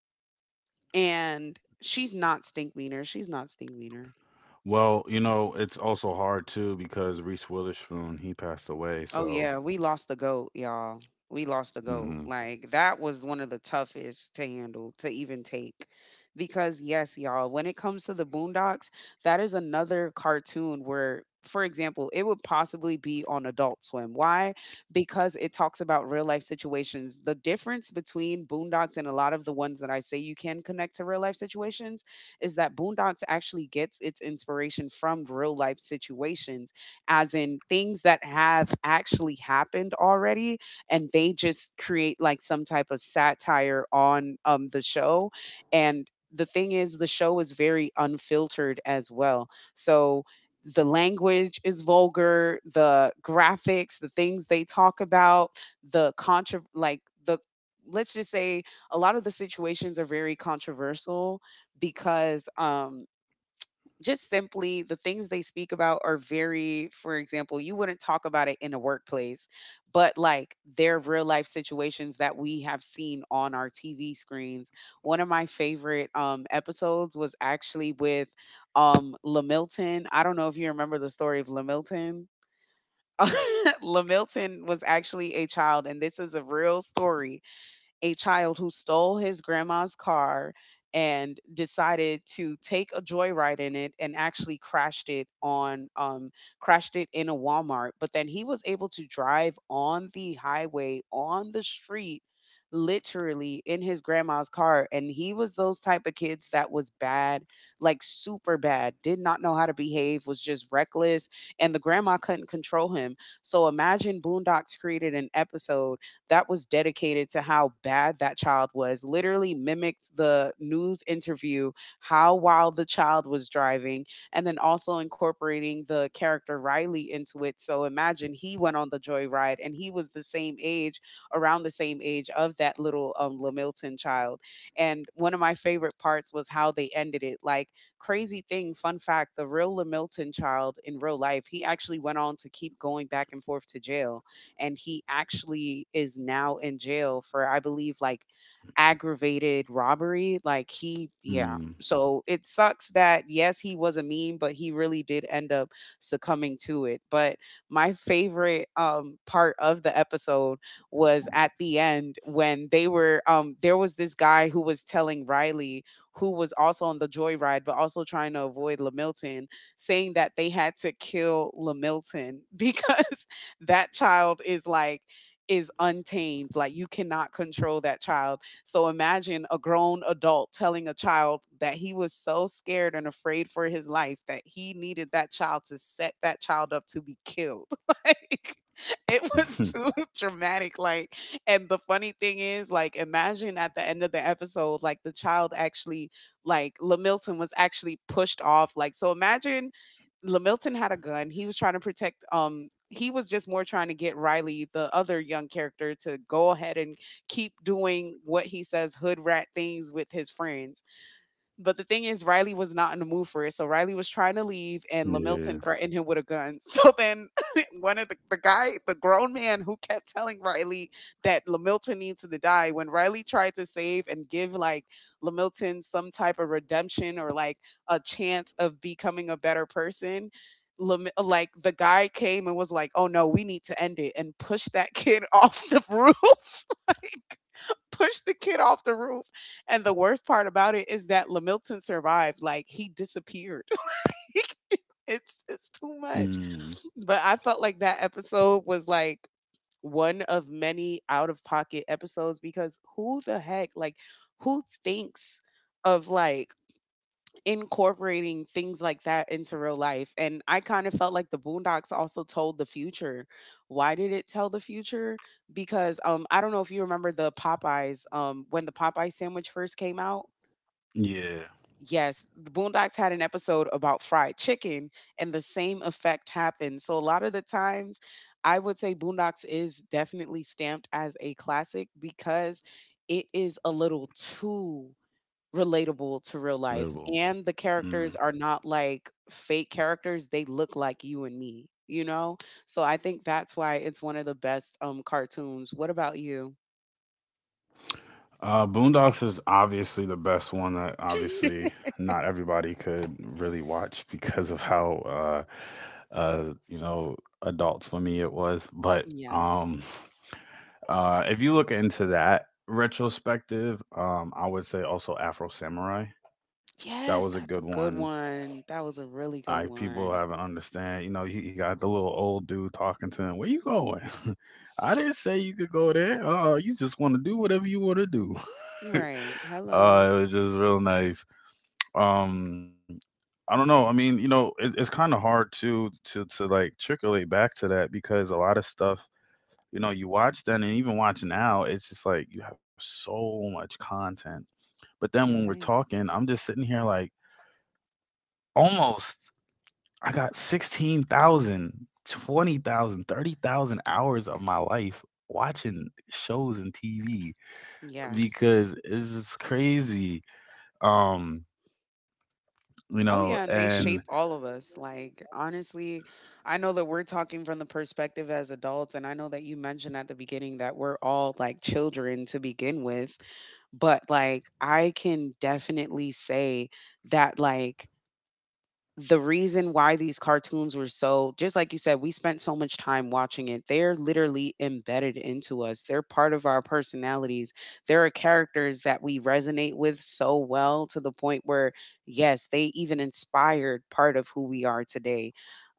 and she's not stink meaner. Well, you know, it's also hard too because Reese Witherspoon, he passed away, Oh, so yeah, we lost the GOAT, y'all. We lost the GOAT. mm Like, that was one of the toughest to handle, to even take. Because, yes, y'all, when it comes to the Boondocks, that is another cartoon where, for example, it would possibly be on Adult Swim. Why? Because it talks about real life situations. The difference between Boondocks and a lot of the ones that I say you can connect to real life situations is that Boondocks actually gets its inspiration from real life situations, as in things that have actually happened already, and they just create like some type of satire on the show. And the thing is, the show is very unfiltered as well. So the language is vulgar, the graphics, the things they talk about, the contra like the let's just say a lot of the situations are very controversial because just simply the things they speak about are very, for example, you wouldn't talk about it in a workplace, but like they're real life situations that we have seen on our TV screens. One of my favorite episodes was actually with Lamilton. I don't know if you remember the story of Lamilton. Lamilton was actually a child, and this is a real story, a child who stole his grandma's car and decided to take a joyride in it and actually crashed it on crashed it in a Walmart. But then he was able to drive on the highway, on the street, literally in his grandma's car. And he was those type of kids that was bad, like super bad, did not know how to behave, was just reckless, and the grandma couldn't control him. So imagine Boondocks created an episode that was dedicated to how bad that child was, literally mimicked the news interview, how wild the child was driving, and then also incorporating the character Riley into it. So imagine he went on the joyride and he was the same age, around the same age of that little Lamilton child. And one of my favorite parts was how they ended it. Like, crazy thing, fun fact, the real Lamilton child in real life, he actually went on to keep going back and forth to jail, and he actually is now in jail for I believe like aggravated robbery. Like he, yeah, mm. so it sucks that yes, he was a meme, but he really did end up succumbing to it. But my favorite part of the episode was at the end when they were there was this guy who was telling Riley, who was also on the joyride but also trying to avoid LaMilton, saying that they had to kill LaMilton because that child is like is untamed. Like, you cannot control that child. So imagine a grown adult telling a child that he was so scared and afraid for his life that he needed that child to set that child up to be killed. Like, it was too dramatic. Like, and the funny thing is, like, imagine at the end of the episode, like the child actually, like, Lamilton was actually pushed off. Like, so imagine Lamilton had a gun. He was trying to protect he was just more trying to get Riley, the other young character, to go ahead and keep doing what he says, hood rat things with his friends. But the thing is, Riley was not in the mood for it. So Riley was trying to leave, and Yeah. Lamilton threatened him with a gun. So then, one of the guy, the grown man who kept telling Riley that Lamilton needs to die, when Riley tried to save and give like Lamilton some type of redemption or like a chance of becoming a better person, the guy came and was like, "Oh no, we need to end it," and pushed that kid off the roof. Like, pushed the kid off the roof. And the worst part about it is that Lamilton survived. Like, he disappeared. It's too much. Mm. But I felt like that episode was like one of many out of pocket episodes, because who the heck, like, who thinks of, like, incorporating things like that into real life. And I kind of felt like the Boondocks also told the future. Why did it tell the future? Because I don't know if you remember the Popeyes when the Popeye sandwich first came out. Yeah. Yes, the Boondocks had an episode about fried chicken and the same effect happened. So a lot of the times, I would say Boondocks is definitely stamped as a classic because it is a little too relatable to real life, Incredible. and the characters Mm. are not like fake characters, they look like you and me, you know? So I think that's why it's one of the best, cartoons. What about you? Boondocks is obviously the best one that obviously not everybody could really watch because of how you know, adults for me it was. But Yes. If you look into that retrospective, I would say also Afro Samurai. That was Yes, a good that's a good one. one. That was a really I good people one. haven't understand. You know, he got the little old dude talking to him. Where you going? I didn't say you could go there. Oh, you just want to do whatever you want to do. Right. Hello. It was just real nice. Um, I don't know. I mean, you know, it's kind of hard to like trickle back to that because a lot of stuff, you know, you watch then and even watch now, it's just like you have so much content. But then You're when we're right. talking, I'm just sitting here like almost I got 16,000, 20,000, 30,000 hours of my life watching shows and TV Yes. because it's just crazy. Um, you know, Oh yeah, and they and shape all of us. Like, honestly, I know that we're talking from the perspective as adults, and I know that you mentioned at the beginning that we're all like children to begin with, but like, I can definitely say that, like, the reason why these cartoons were so, just like you said, we spent so much time watching it. They're literally embedded into us. They're part of our personalities. There are characters that we resonate with so well to the point where yes, they even inspired part of who we are today.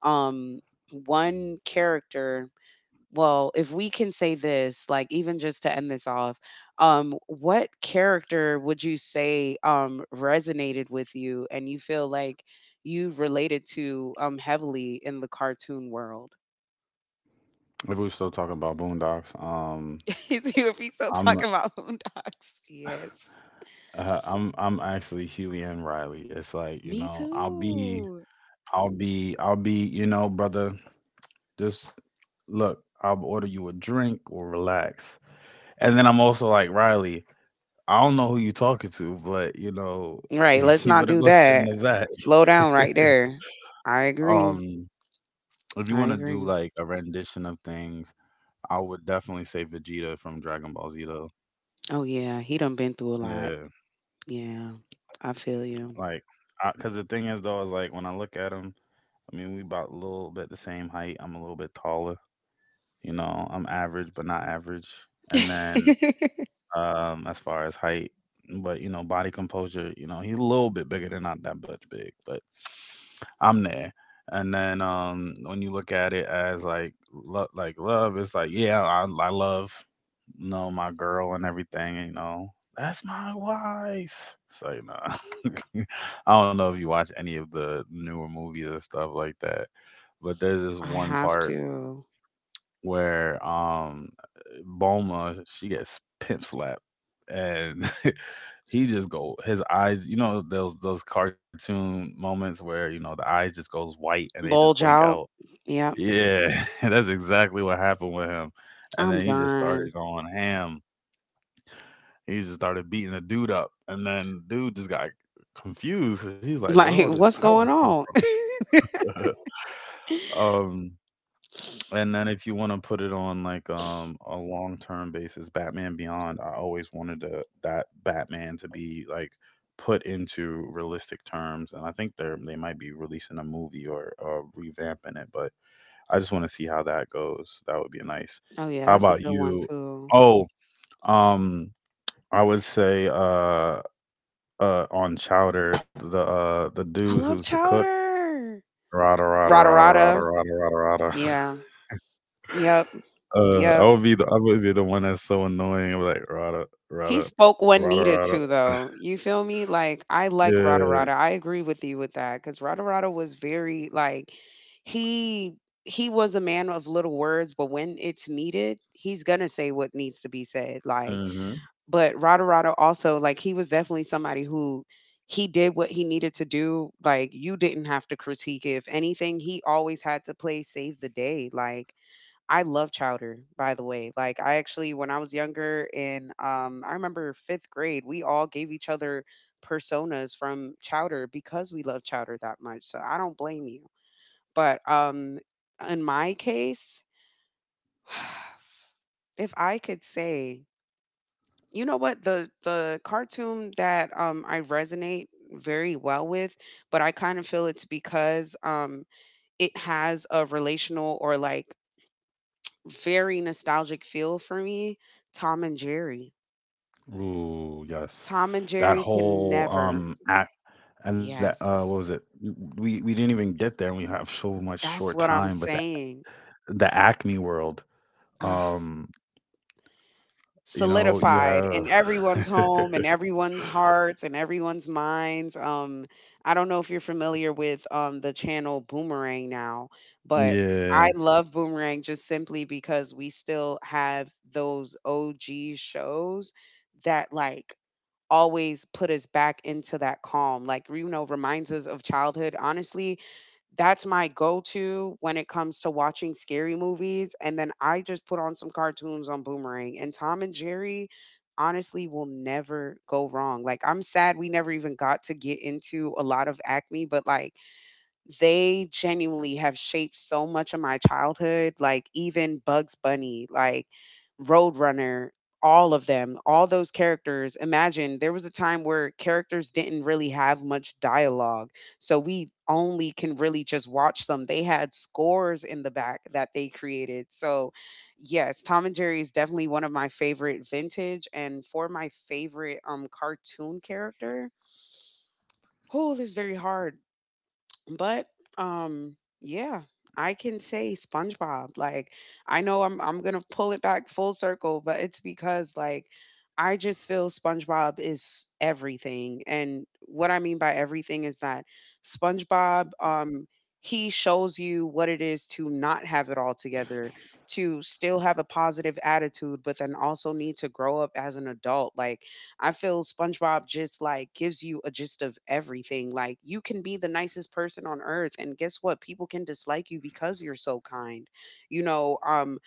Um one character, well, if we can say this, like even just to end this off, what character would you say resonated with you and you feel like you related to heavily in the cartoon world? if we were still talking about Boondocks, If we still I'm talking about Boondocks. Yes. I'm actually Huey and Riley. It's like you Me know, too. I'll be you know, brother. Just look, I'll order you a drink or relax, and then I'm also like Riley. I don't know who you talking to, but you know, Right, let's you not better do go sit in that. the back. Slow down right there. I agree. Um, if you I want to do agree. like a rendition of things, I would definitely say Vegeta from Dragon Ball Z though. Oh yeah, he done been through a lot. Yeah. Yeah. I feel you. Like, because the thing is though, is like when I look at him, I mean, we about a little bit the same height. I'm a little bit taller. You know, I'm average, but not average. And then as far as height, but you know, body composure, you know, he's a little bit bigger than not that much big, but I'm there. And then when you look at it as like like love, it's like yeah, I love you know my girl and everything, you know. That's my wife. So you know, I don't know if you watch any of the newer movies and stuff like that, but there's this I one have part to where Boma she gets pimp slapped and he just go his eyes, you know, those cartoon moments where, you know, the eyes just goes white and they just bulge blink out. out. Yep, Yeah, that's exactly what happened with him. And I'm then he just done. started going ham. He just started beating the dude up. And then dude just got confused, cause he's like, where all Like, this what's power going come on? from? Um, and then if you wanna put it on, like, a long-term basis, Batman Beyond, I always wanted to that Batman to be, like, put into realistic terms, and I think they might be releasing a movie or, revamping it, but I just wanna see how that goes. That would be nice. Oh yeah, How that's a about good one you? too. Oh, um, I would say, on Chowder, the dude I who's love the cook, Chowder. Rada, rada, Rada rada, rada, rada. rada, rada, rada. Yeah. Yep. I Yep. would be the I would be the one that's so annoying. I'm like Rada, He Rada, spoke when Rada, needed Rada. to though. You feel me? Like, I like Rada Yeah. Rada. I agree with you with that, because Rada Rada was very like, he he was a man of little words, but when it's needed, he's gonna say what needs to be said. Like, Mm-hmm. but Rotorado also, like, he was definitely somebody who he did what he needed to do. Like, you didn't have to critique it. If anything, he always had to play save the day. Like, I love Chowder, by the way. Like, I actually, when I was younger in, I remember fifth grade, we all gave each other personas from Chowder because we love Chowder that much. So I don't blame you. But in my case, if I could say, you know what? The cartoon that, I resonate very well with, but I kind of feel it's because, it has a relational or, like, very nostalgic feel for me, Tom and Jerry. Ooh, yes. Tom and That Jerry can whole never. Act and that Yes, what was it? We didn't even get there, and we have so much short that's what time. I'm But saying. the Acme world, um, you know, you Solidified have in everyone's home and everyone's hearts and everyone's minds. I don't know if you're familiar with the channel Boomerang now, but yeah, I love Boomerang just simply because we still have those OG shows that like always put us back into that calm, like, you know, reminds us of childhood. Honestly, that's my go-to when it comes to watching scary movies, and then I just put on some cartoons on Boomerang, and Tom and Jerry honestly will never go wrong. Like, I'm sad we never even got to get into a lot of Acme, but, like, they genuinely have shaped so much of my childhood, like even Bugs Bunny, like Roadrunner, all of them, all those characters. Imagine there was a time where characters didn't really have much dialogue. So we only can really just watch them. They had scores in the back that they created. So, yes, Tom and Jerry is definitely one of my favorite vintage and for my favorite cartoon character. Oh, this is very hard, but yeah, I can say SpongeBob. Like, I know I'm gonna pull it back full circle, but it's because like, I just feel SpongeBob is everything, and what I mean by everything is that SpongeBob, he shows you what it is to not have it all together, to still have a positive attitude but then also need to grow up as an adult. Like, I feel SpongeBob just like gives you a gist of everything. Like, you can be the nicest person on earth and guess what? People can dislike you because you're so kind. You know,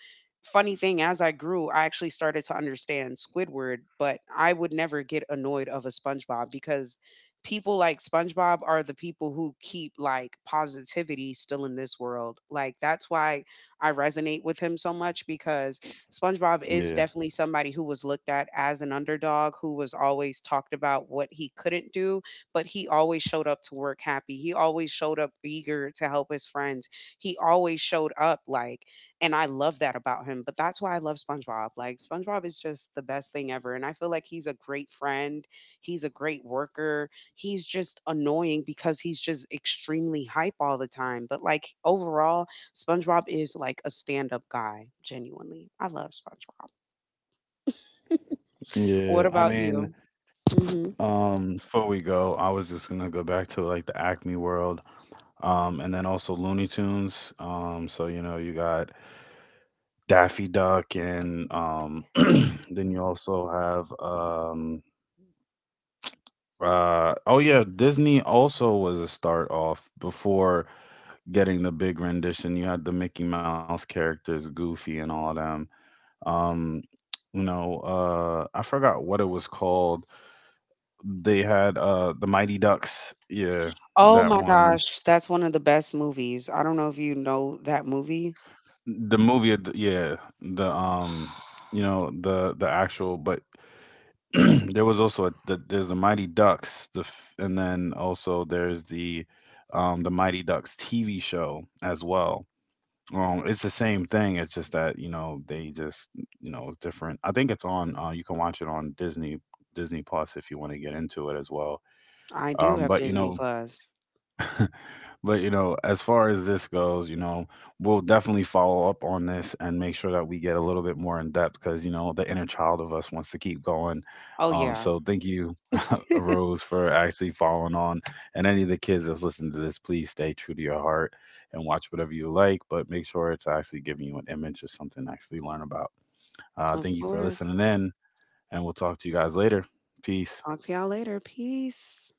funny thing, as I grew, I actually started to understand Squidward, but I would never get annoyed of a SpongeBob because people like SpongeBob are the people who keep like positivity still in this world. Like, that's why I resonate with him so much, because SpongeBob yeah, is definitely somebody who was looked at as an underdog, who was always talked about what he couldn't do, but he always showed up to work happy. He always showed up eager to help his friends. He always showed up like, and I love that about him. But that's why I love SpongeBob. Like, SpongeBob is just the best thing ever. And I feel like he's a great friend, he's a great worker. He's just annoying because he's just extremely hype all the time. But like, overall, SpongeBob is like a stand-up guy, genuinely. I love SpongeBob. What yeah. I about mean, you? Hmm. Before we go, I was just gonna go back to like the Acme world. Um, and then also Looney Tunes. So you know you got Daffy Duck, and then you also have oh yeah, Disney also was a start off before getting the big rendition. You had the Mickey Mouse characters, Goofy, and all them. Um, you know, I forgot what it was called. They had the Mighty Ducks. Yeah, Oh that my one. gosh, that's one of the best movies. I don't know if you know that movie. The movie yeah, the um, you know, the actual, but there was also a there's the Mighty Ducks the and then also there's the Mighty Ducks TV show as well. Um, it's the same thing, it's just that you know they just you know it's different. I think it's on uh, you can watch it on Disney Plus if you want to get into it as well. I do Um, have but you Disney know, Plus. but you know, as far as this goes, you know, we'll definitely follow up on this and make sure that we get a little bit more in depth because you know the inner child of us wants to keep going. Oh yeah, So thank you, Rose, for actually following on. And any of the kids that's listening to this, please stay true to your heart and watch whatever you like, but make sure it's actually giving you an image or something to actually learn about. Of Thank you for course. listening in, and we'll talk to you guys later. Peace. Talk to y'all later. Peace.